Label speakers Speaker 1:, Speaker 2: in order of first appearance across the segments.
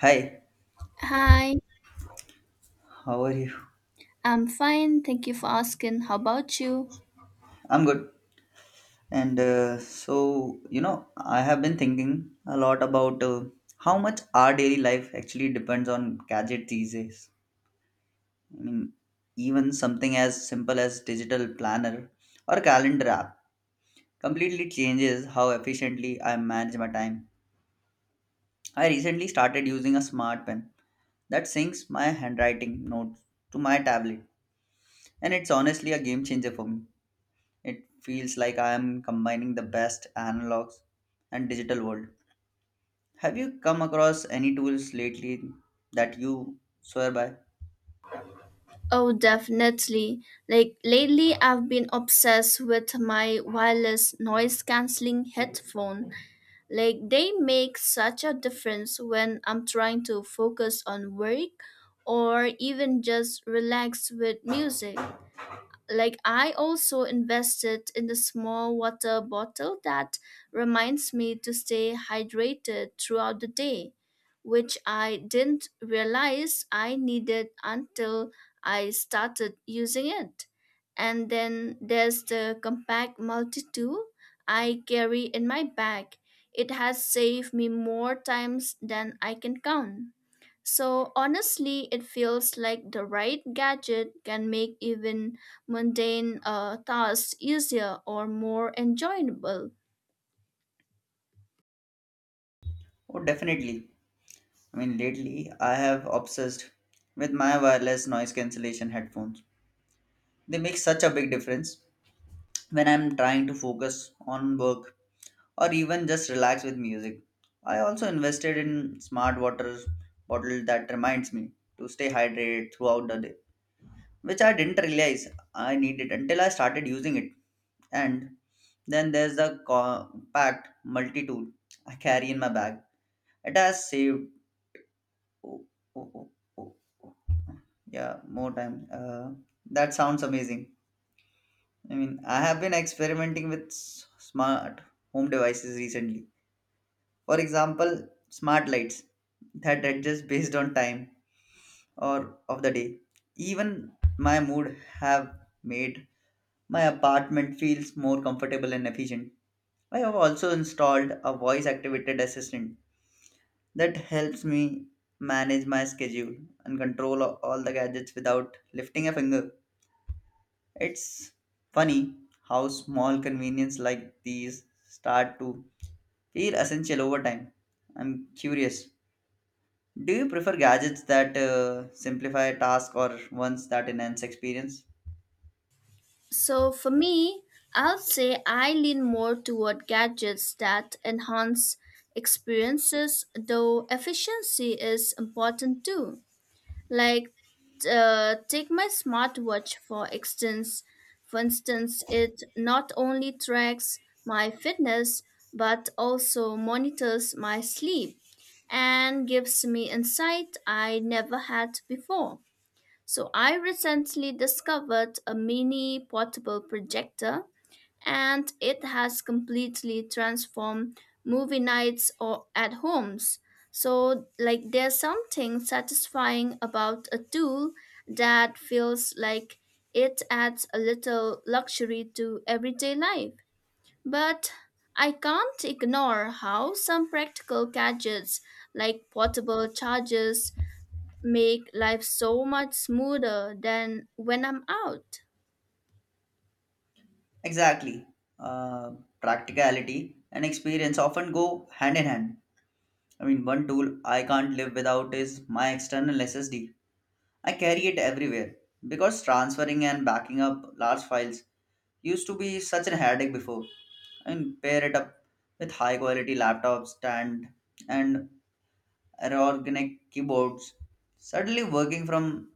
Speaker 1: Hi,
Speaker 2: Hi,
Speaker 1: how are you?
Speaker 2: I'm fine. Thank you for asking. How about you?
Speaker 1: I'm good. And so, I have been thinking a lot about how much our daily life actually depends on gadget these days. I mean, even something as simple as digital planner or calendar app completely changes how efficiently I manage my time. I recently started using a smart pen that syncs my handwriting notes to my tablet, and it's honestly a game changer for me. It feels like I am combining the best analogs and digital world. Have you come across any tools lately that you swear by?
Speaker 2: Oh, definitely. Like lately, I've been obsessed with my wireless noise canceling headphone. Like they make such a difference when I'm trying to focus on work or even just relax with music. Like I also invested in the small water bottle that reminds me to stay hydrated throughout the day, which I didn't realize I needed until I started using it. And then there's the compact multi-tool I carry in my bag. It has saved me more times than I can count. So honestly, it feels like the right gadget can make even mundane tasks easier or more enjoyable.
Speaker 1: Oh, definitely. I mean, lately I have obsessed with my wireless noise cancellation headphones. They make such a big difference when I'm trying to focus on work or even just relax with music. I also invested in smart water bottle that reminds me to stay hydrated throughout the day, which I didn't realize I needed until I started using it. And then there's the compact multi tool I carry in my bag. It has saved. Oh, oh, oh, oh, oh. Yeah, more time. That sounds amazing. I mean, I have been experimenting with smart home devices recently. For example, smart lights that adjust based on time or of the day. Even my mood have made my apartment feels more comfortable and efficient. I have also installed a voice activated assistant that helps me manage my schedule and control all the gadgets without lifting a finger. It's funny how small convenience like these start to feel essential over time. I'm curious. Do you prefer gadgets that simplify tasks or ones that enhance experience?
Speaker 2: So for me, I'll say I lean more toward gadgets that enhance experiences, though efficiency is important too. Like, Take my smartwatch for instance. For instance, it not only tracks my fitness but also monitors my sleep and gives me insight I never had before. So I recently discovered a mini portable projector and it has completely transformed movie nights or at homes. So like there's something satisfying about a tool that feels like it adds a little luxury to everyday life. But I can't ignore how some practical gadgets like portable chargers make life so much smoother than when I'm out.
Speaker 1: Exactly. Uh, practicality and experience often go hand in hand. I mean, one tool I can't live without is my external SSD. I carry it everywhere because transferring and backing up large files used to be such a headache before. And pair it up with high quality laptop stand and ergonomic keyboards. Suddenly, working from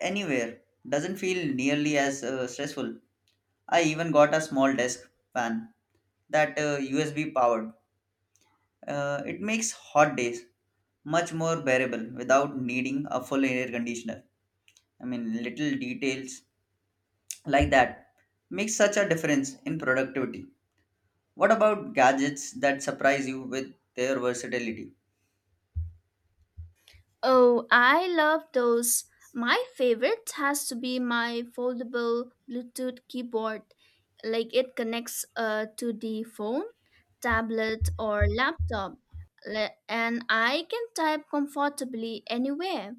Speaker 1: anywhere doesn't feel nearly as stressful. I even got a small desk fan that USB powered. It makes hot days much more bearable without needing a full air conditioner. I mean, little details like that make such a difference in productivity. What about gadgets that surprise you with their versatility?
Speaker 2: Oh, I love those. My favorite has to be my foldable Bluetooth keyboard. Like it connects to the phone, tablet, or laptop, and I can type comfortably anywhere.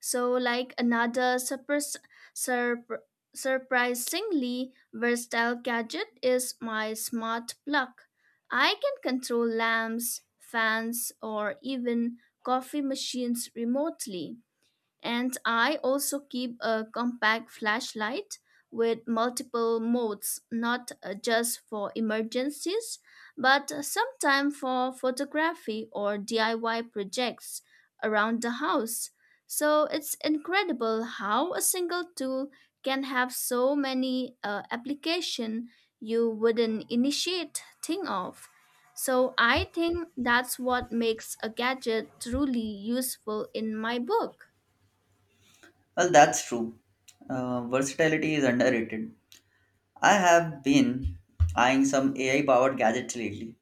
Speaker 2: So, like another surp- surprisingly versatile gadget is my smart plug. I can control lamps, fans, or even coffee machines remotely, and I also keep a compact flashlight with multiple modes, not just for emergencies, but sometimes for photography or DIY projects around the house. So it's incredible how a single tool can have so many application you wouldn't initiate think of. So I think that's what makes a gadget truly useful in my book.
Speaker 1: Well, that's true. Versatility is underrated. I have been eyeing some AI powered gadgets lately,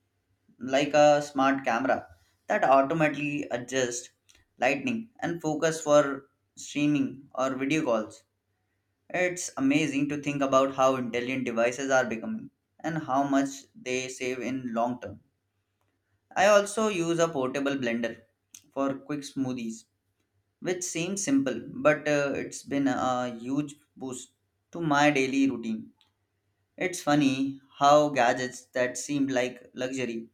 Speaker 1: like a smart camera that automatically adjusts lighting and focus for streaming or video calls. It's amazing to think about how intelligent devices are becoming and how much they save in long term. I also use a portable blender for quick smoothies, which seems simple, but it's been a huge boost to my daily routine. It's funny how gadgets that seemed like luxury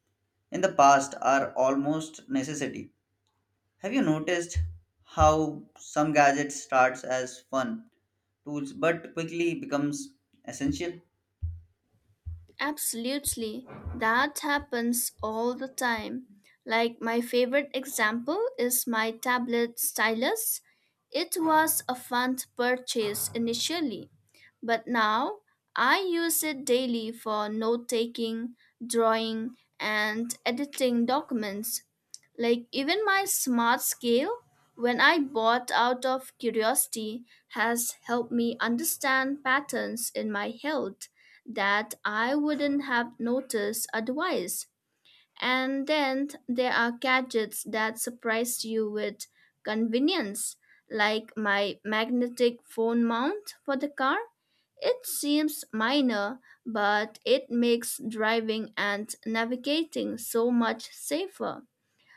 Speaker 1: in the past are almost necessity. Have you noticed how some gadgets starts as fun tools but quickly becomes essential?
Speaker 2: Absolutely. That happens all the time. Like my favorite example is my tablet stylus. It was a fun purchase initially, but now I use it daily for note taking, drawing, and editing documents. Like even my smart scale, when I bought out of curiosity, has helped me understand patterns in my health that I wouldn't have noticed otherwise. And then there are gadgets that surprise you with convenience, like my magnetic phone mount for the car. It seems minor, but it makes driving and navigating so much safer.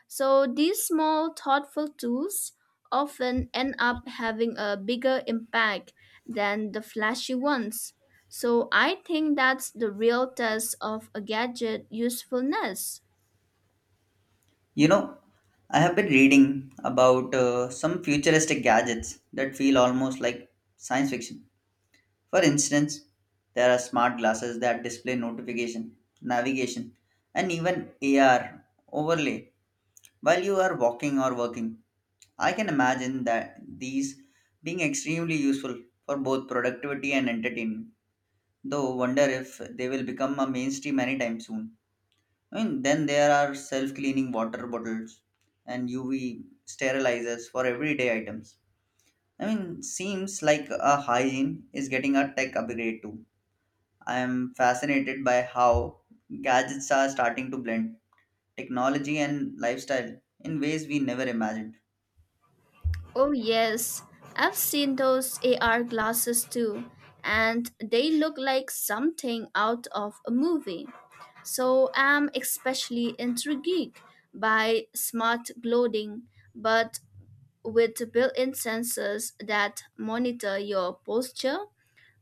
Speaker 2: So these small, thoughtful tools often end up having a bigger impact than the flashy ones. So I think that's the real test of a gadget usefulness.
Speaker 1: You know, I have been reading about some futuristic gadgets that feel almost like science fiction. For instance, there are smart glasses that display notification, navigation, and even AR overlay while you are walking or working. I can imagine that these being extremely useful for both productivity and entertainment. Though wonder if they will become a mainstream anytime soon. I mean, then there are self-cleaning water bottles and UV sterilizers for everyday items. I mean, seems like a hygiene is getting a tech upgrade too. I am fascinated by how gadgets are starting to blend technology and lifestyle in ways we never imagined.
Speaker 2: Oh, yes, I've seen those AR glasses too, and they look like something out of a movie. So I'm especially intrigued by smart clothing, but with built-in sensors that monitor your posture,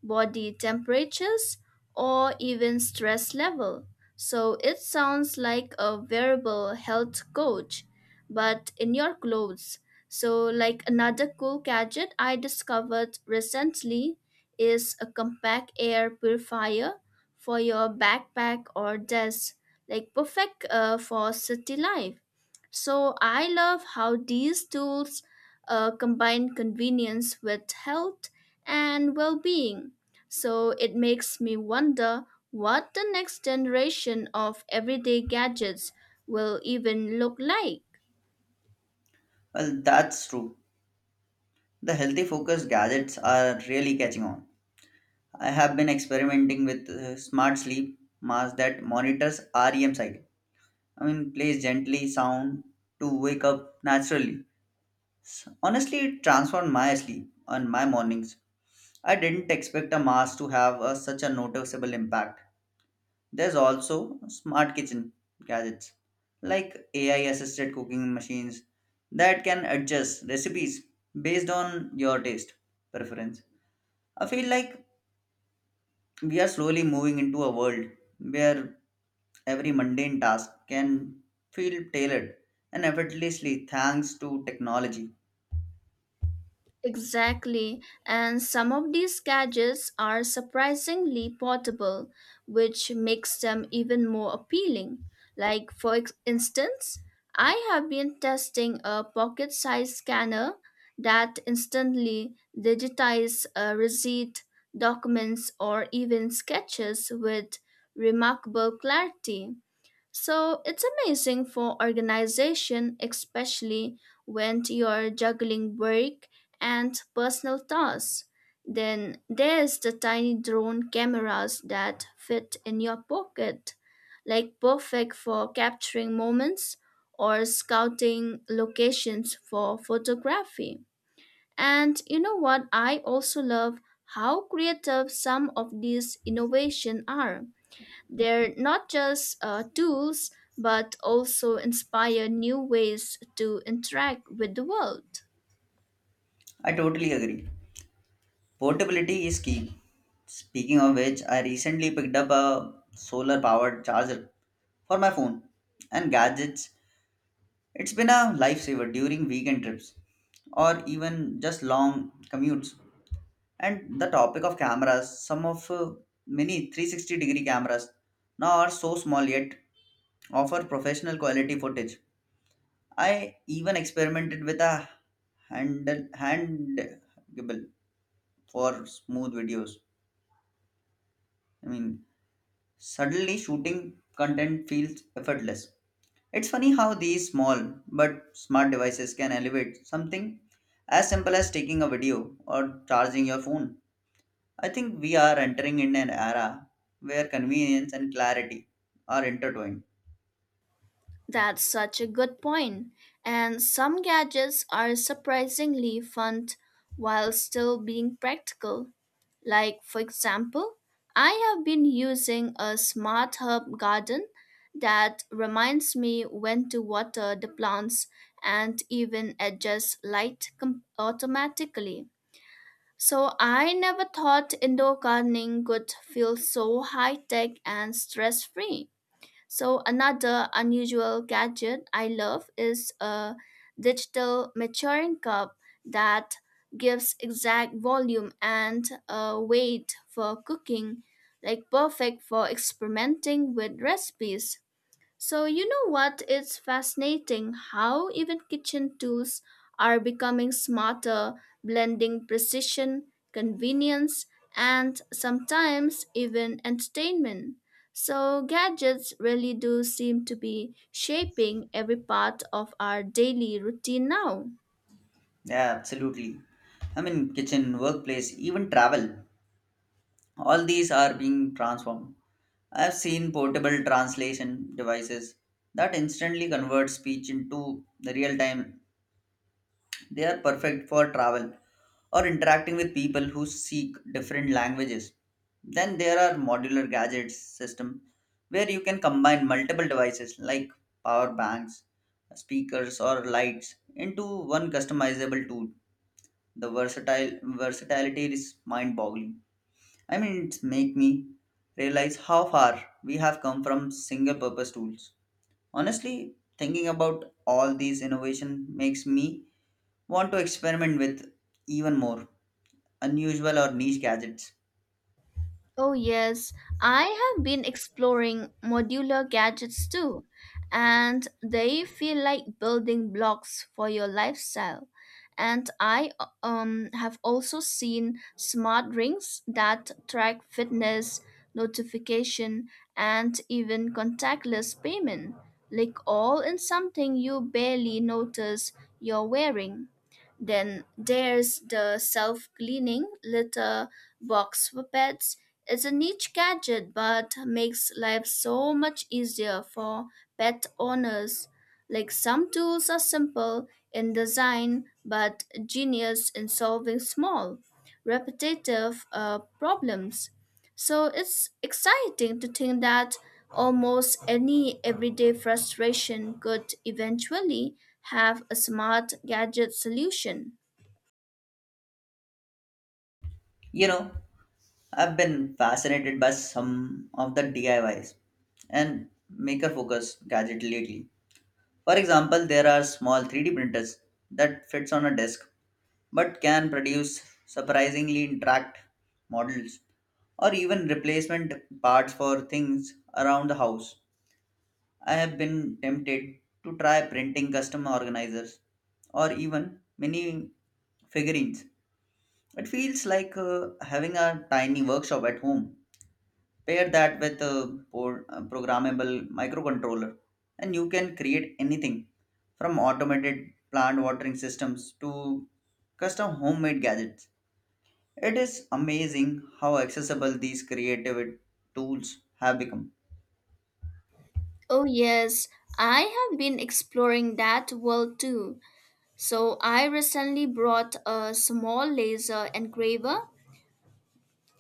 Speaker 2: body temperatures, or even stress level. So it sounds like a wearable health coach, but in your clothes. So, like another cool gadget I discovered recently is a compact air purifier for your backpack or desk, like perfect for city life. So I love how these tools combine convenience with health and well being. So it makes me wonder what the next generation of everyday gadgets will even look like.
Speaker 1: Well, that's true. The healthy focus gadgets are really catching on. I have been experimenting with smart sleep mask that monitors REM cycle. I mean, plays gently sound to wake up naturally. Honestly, it transformed my sleep and my mornings. I didn't expect a mask to have such a noticeable impact. There's also smart kitchen gadgets like AI assisted cooking machines that can adjust recipes based on your taste preference. I feel like we are slowly moving into a world where every mundane task can feel tailored and effortlessly thanks to technology.
Speaker 2: Exactly, and some of these gadgets are surprisingly portable, which makes them even more appealing. Like, for instance, I have been testing a pocket sized scanner that instantly digitizes a receipt, documents, or even sketches with remarkable clarity. So it's amazing for organization, especially when you're juggling work and personal tasks. Then there's the tiny drone cameras that fit in your pocket, like perfect for capturing moments or scouting locations for photography. And you know what? I also love how creative some of these innovations are. They're not just tools, but also inspire new ways to interact with the world.
Speaker 1: I totally agree. Portability is key. Speaking of which, I recently picked up a solar powered charger for my phone and gadgets. It's been a lifesaver during weekend trips or even just long commutes. And the topic of cameras, some of many 360-degree cameras now are so small yet offer professional quality footage. I even experimented with a handle handable for smooth videos. I mean, suddenly shooting content feels effortless. It's funny how these small but smart devices can elevate something as simple as taking a video or charging your phone. I think we are entering in an era where convenience and clarity are intertwined.
Speaker 2: That's such a good point. And some gadgets are surprisingly fun while still being practical. Like, for example, I have been using a smart herb garden that reminds me when to water the plants and even adjusts light automatically. So I never thought indoor gardening could feel so high tech and stress free. So another unusual gadget I love is a digital maturing cup that gives exact volume and weight for cooking, like perfect for experimenting with recipes. So, you know what? It's fascinating how even kitchen tools are becoming smarter, blending precision, convenience, and sometimes even entertainment. So, gadgets really do seem to be shaping every part of our daily routine now.
Speaker 1: Yeah, absolutely. I mean, kitchen, workplace, even travel, all these are being transformed. I've seen portable translation devices that instantly convert speech into the real-time. They are perfect for travel or interacting with people who speak different languages. Then there are modular gadgets system where you can combine multiple devices like power banks, speakers or lights into one customizable tool. The versatile versatility is mind-boggling. I mean it's make me realize how far we have come from single purpose tools. Honestly, thinking about all these innovation makes me want to experiment with even more unusual or niche gadgets.
Speaker 2: Oh, yes, I have been exploring modular gadgets too, and they feel like building blocks for your lifestyle. And I have also seen smart rings that track fitness, notification, and even contactless payment, like all in something you barely notice you're wearing. Then there's the self cleaning litter box for pets. It's a niche gadget but makes life so much easier for pet owners. Like some tools are simple in design but genius in solving small, repetitive problems. So it's exciting to think that almost any everyday frustration could eventually have a smart gadget solution.
Speaker 1: You know, I've been fascinated by some of the DIYs and maker focus gadget lately. For example, there are small 3D printers that fits on a desk but can produce surprisingly intact models or even replacement parts for things around the house. I have been tempted to try printing custom organizers or even mini figurines. It feels like having a tiny workshop at home. Pair that with a programmable microcontroller, and you can create anything from automated plant watering systems to custom homemade gadgets. It is amazing how accessible these creative tools have become.
Speaker 2: Oh, yes, I have been exploring that world too. So I recently brought a small laser engraver,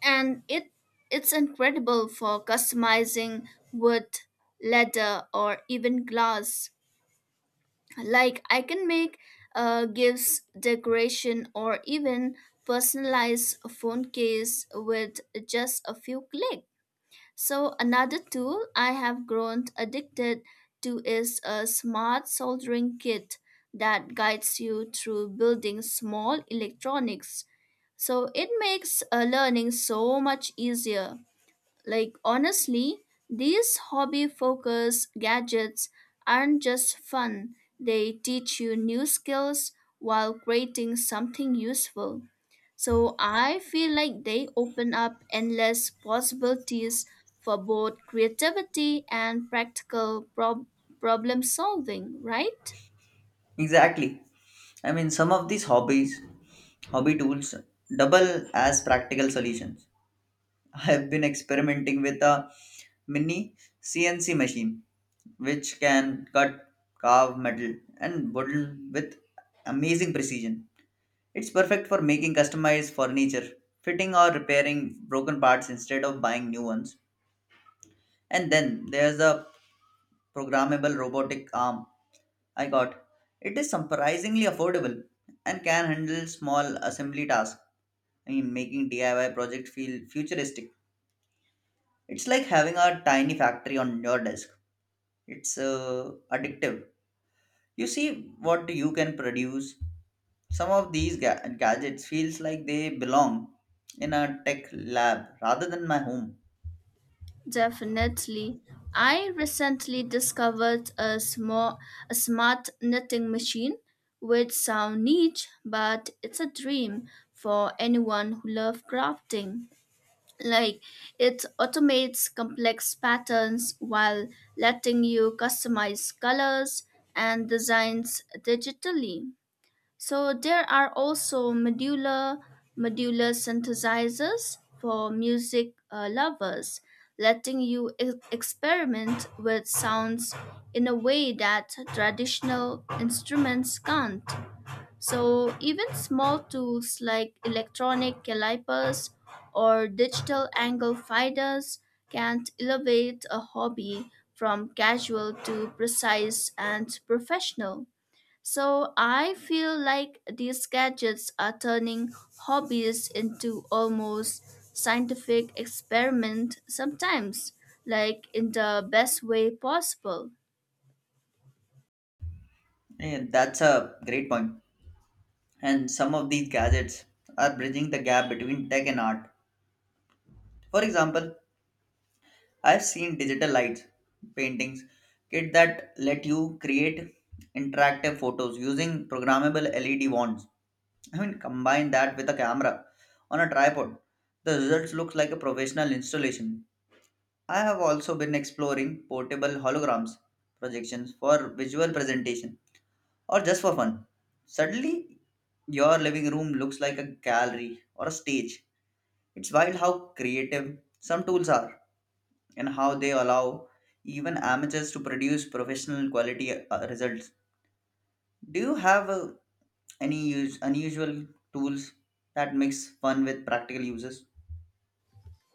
Speaker 2: and it's incredible for customizing wood, leather or even glass. Like I can make gifts, decoration or even personalized phone case with just a few clicks. So, another tool I have grown addicted to is a smart soldering kit that guides you through building small electronics. So, it makes learning so much easier. Like, honestly, these hobby focused gadgets aren't just fun, they teach you new skills while creating something useful. So, I feel like they open up endless possibilities for both creativity and practical problem solving, right?
Speaker 1: Exactly. I mean, some of these hobbies hobby tools double as practical solutions. I have been experimenting with a mini CNC machine which can cut, carve metal, and wood with amazing precision. It's perfect for making customized furniture, fitting or repairing broken parts instead of buying new ones. And then there's a programmable robotic arm I got. It is surprisingly affordable and can handle small assembly tasks. I mean, making DIY project feel futuristic. It's like having a tiny factory on your desk. It's addictive. You see what you can produce. Some of these gadgets feels like they belong in a tech lab rather than my home.
Speaker 2: Definitely. I recently discovered a smart knitting machine which sound niche, but it's a dream for anyone who loves crafting. Like it automates complex patterns while letting you customize colors and designs digitally. So there are also modular synthesizers for music lovers, letting you experiment with sounds in a way that traditional instruments can't. So even small tools like electronic calipers or digital angle finders can elevate a hobby from casual to precise and professional. So I feel like these gadgets are turning hobbies into almost scientific experiment sometimes, like in the best way possible.
Speaker 1: Yeah, that's a great point. And some of these gadgets are bridging the gap between tech and art. For example, I've seen digital lights paintings kit that let you create interactive photos using programmable LED wands. I mean, combine that with a camera on a tripod. The results looks like a professional installation. I have also been exploring portable holograms projections for visual presentation or just for fun. Suddenly, your living room looks like a gallery or a stage. It's wild how creative some tools are and how they allow even amateurs to produce professional quality results. Do you have any unusual tools that mix fun with practical uses?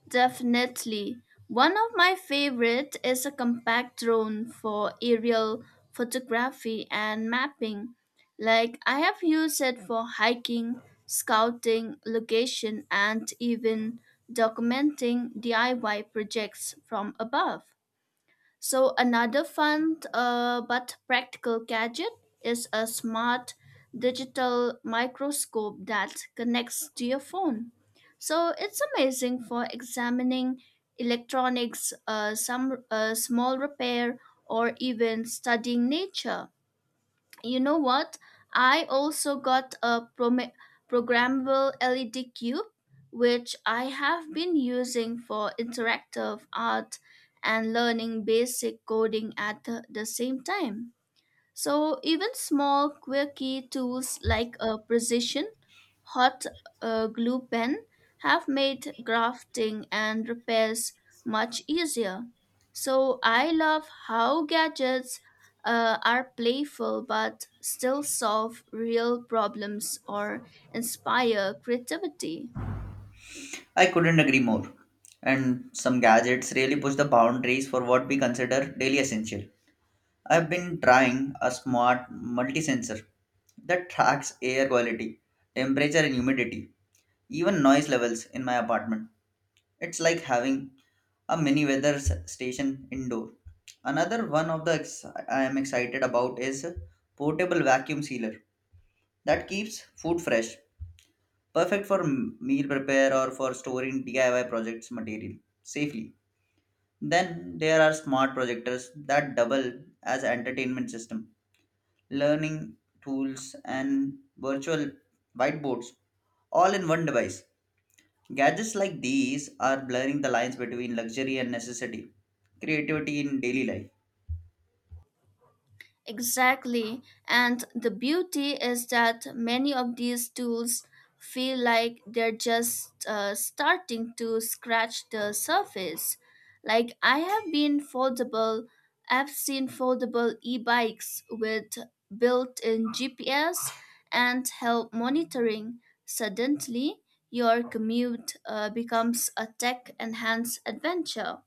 Speaker 2: Definitely. One of my favorite is a compact drone for aerial photography and mapping. Like I have used it for hiking, scouting, location and even documenting DIY projects from above. So another fun but practical gadget is a smart digital microscope that connects to your phone. So it's amazing for examining electronics, some small repair, or even studying nature. You know what? I also got a programmable LED cube, which I have been using for interactive art and learning basic coding at the same time. So even small quirky tools like a precision hot glue pen have made grafting and repairs much easier. So I love how gadgets are playful but still solve real problems or inspire creativity.
Speaker 1: I couldn't agree more. And some gadgets really push the boundaries for what we consider daily essential. I've been trying a smart multi-sensor that tracks air quality, temperature and humidity, even noise levels in my apartment. It's like having a mini weather station indoor. Another one of the ex- I am excited about is portable vacuum sealer that keeps food fresh, perfect for meal prepare or for storing DIY projects material safely. Then there are smart projectors that double as entertainment system, learning tools and virtual whiteboards all in one device. Gadgets like these are blurring the lines between luxury and necessity, creativity in daily life.
Speaker 2: Exactly. And the beauty is that many of these tools feel like they're just starting to scratch the surface. Like I have been foldable, I've seen foldable e-bikes with built-in GPS and help monitoring. Suddenly, your commute becomes a tech-enhanced adventure.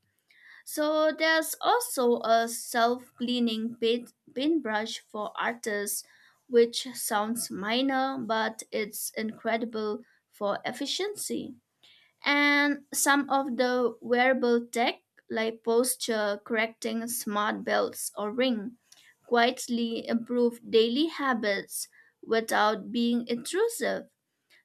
Speaker 2: So there's also a self-cleaning paintbrush for artists, which sounds minor, but it's incredible for efficiency. And some of the wearable tech, like posture correcting smart belts or ring, quietly improve daily habits without being intrusive.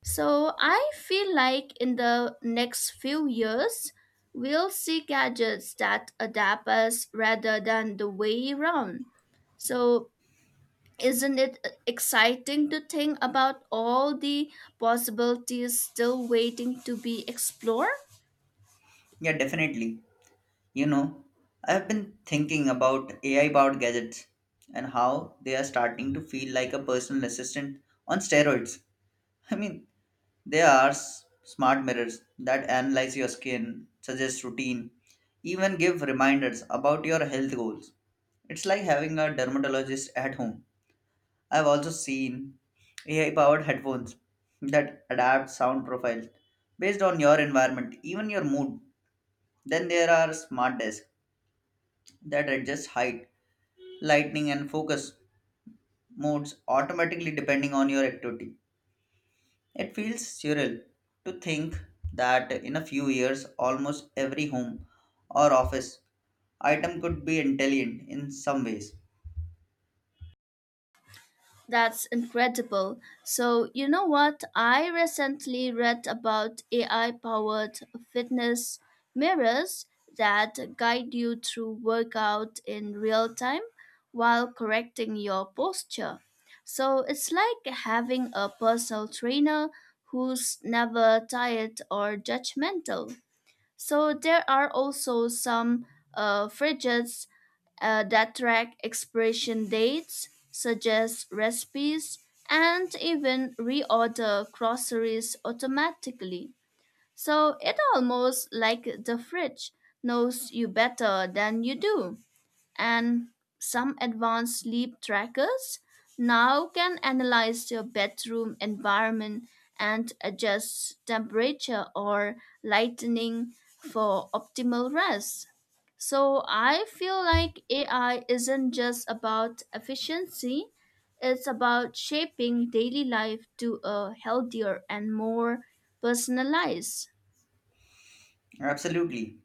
Speaker 2: So I feel like in the next few years, we'll see gadgets that adapt us rather than the way around. So isn't it exciting to think about all the possibilities still waiting to be explored?
Speaker 1: Yeah, definitely. You know, I've been thinking about AI powered gadgets and how they are starting to feel like a personal assistant on steroids. I mean, they are smart mirrors that analyze your skin, suggest routine, even give reminders about your health goals. It's like having a dermatologist at home. I've also seen AI powered headphones that adapt sound profiles based on your environment, even your mood. Then there are smart desks that adjust height, lighting, and focus modes automatically depending on your activity. It feels surreal to think that in a few years, almost every home or office item could be intelligent in some ways.
Speaker 2: That's incredible. So, you know what? I recently read about AI powered fitness mirrors that guide you through workout in real time while correcting your posture. So, it's like having a personal trainer who's never tired or judgmental. So there are also some fridges that track expiration dates, suggest recipes, and even reorder groceries automatically. So it almost like the fridge knows you better than you do, and some advanced sleep trackers now can analyze your bedroom environment and adjust temperature or lighting for optimal rest. So I feel like AI isn't just about efficiency, it's about shaping daily life to a healthier and more personalized.
Speaker 1: Absolutely.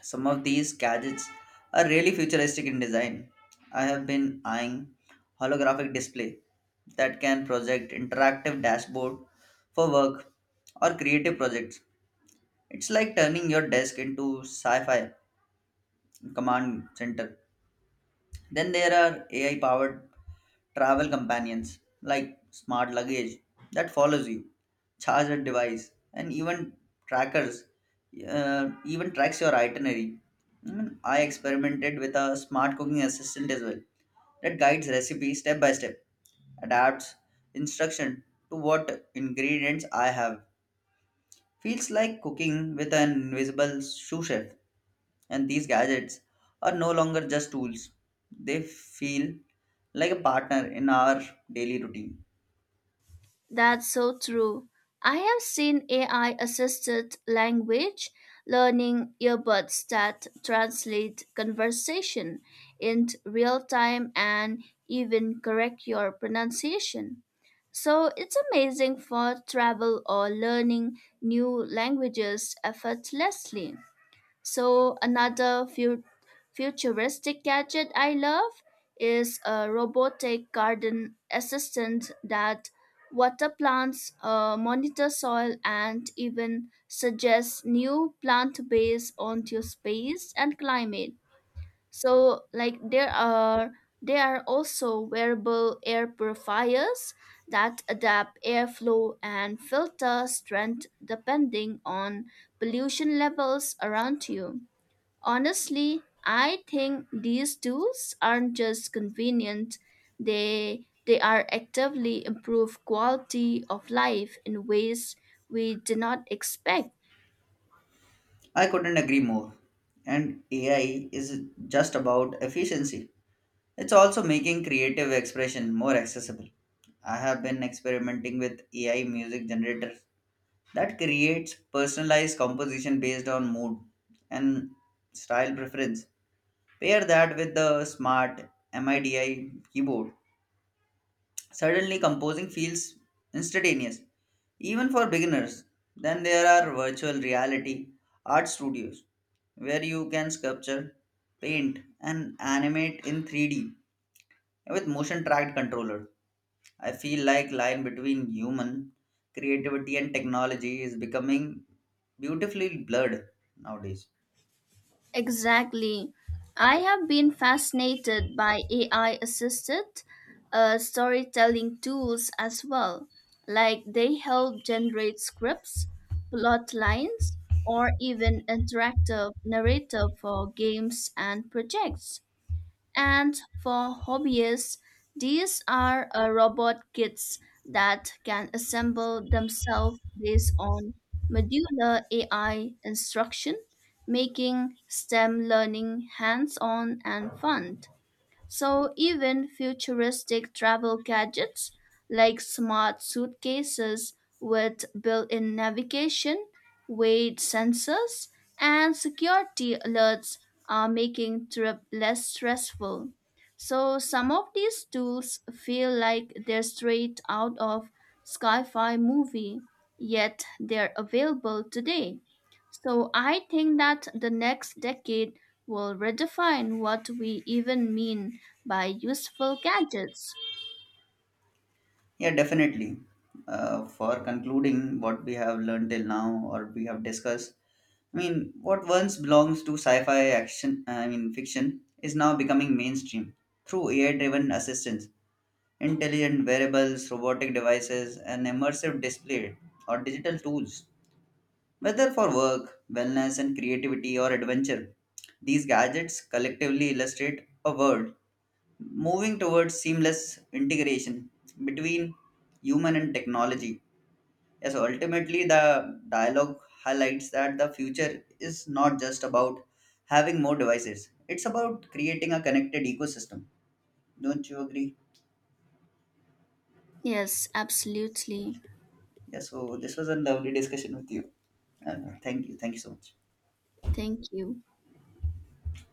Speaker 1: Some of these gadgets are really futuristic in design. I have been eyeing holographic display that can project interactive dashboard for work or creative projects. It's like turning your desk into sci-fi command center. Then there are AI powered travel companions like smart luggage that follows you, charger device, and even trackers, even tracks your itinerary. I mean, I experimented with a smart cooking assistant as well that guides recipes step by step, adapts instruction to what ingredients I have. Feels like cooking with an invisible sous chef. And these gadgets are no longer just tools, they feel like a partner in our daily routine.
Speaker 2: That's so true. I have seen AI assisted language learning earbuds that translate conversation in real time and even correct your pronunciation. So it's amazing for travel or learning new languages effortlessly. So another futuristic gadget I love is a robotic garden assistant that water plants, monitor soil, and even suggest new plant based on your space and climate. So like there are also wearable air purifiers that adapt airflow and filter strength depending on pollution levels around you. Honestly, I think these tools aren't just convenient, they are actively improve quality of life in ways we did not expect.
Speaker 1: I couldn't agree more. And AI is just about efficiency, it's also making creative expression more accessible. I have been experimenting with AI music generators that creates personalized composition based on mood and style preference. Pair that with the smart MIDI keyboard. Suddenly, composing feels instantaneous, even for beginners. Then there are virtual reality art studios where you can sculpture, paint, and animate in 3D with motion tracked controller. I feel like line between human creativity and technology is becoming beautifully blurred nowadays.
Speaker 2: Exactly. I have been fascinated by AI assisted storytelling tools as well. Like they help generate scripts, plot lines, or even interactive narrative for games and projects. And for hobbyists, these are robot kits that can assemble themselves based on modular AI instruction, making STEM learning hands on and fun. So even futuristic travel gadgets like smart suitcases with built-in navigation, weight sensors, and security alerts are making trip less stressful. So some of these tools feel like they're straight out of sci-fi movie, yet they're available today. So I think that the next decade will redefine what we even mean by useful gadgets.
Speaker 1: Yeah, definitely. For concluding what we have learned till now or we have discussed, I mean, what once belongs to sci-fi action, I mean fiction, is now becoming mainstream through AI-driven assistants, intelligent wearables, robotic devices, and immersive display or digital tools. Whether for work, wellness, and creativity or adventure, these gadgets collectively illustrate a world moving towards seamless integration between human and technology. Yes, ultimately, the dialogue highlights that the future is not just about having more devices, it's about creating a connected ecosystem. Don't you agree?
Speaker 2: Yes, absolutely.
Speaker 1: Yeah, so this was a lovely discussion with you. Thank you. Thank you so much.
Speaker 2: Thank you.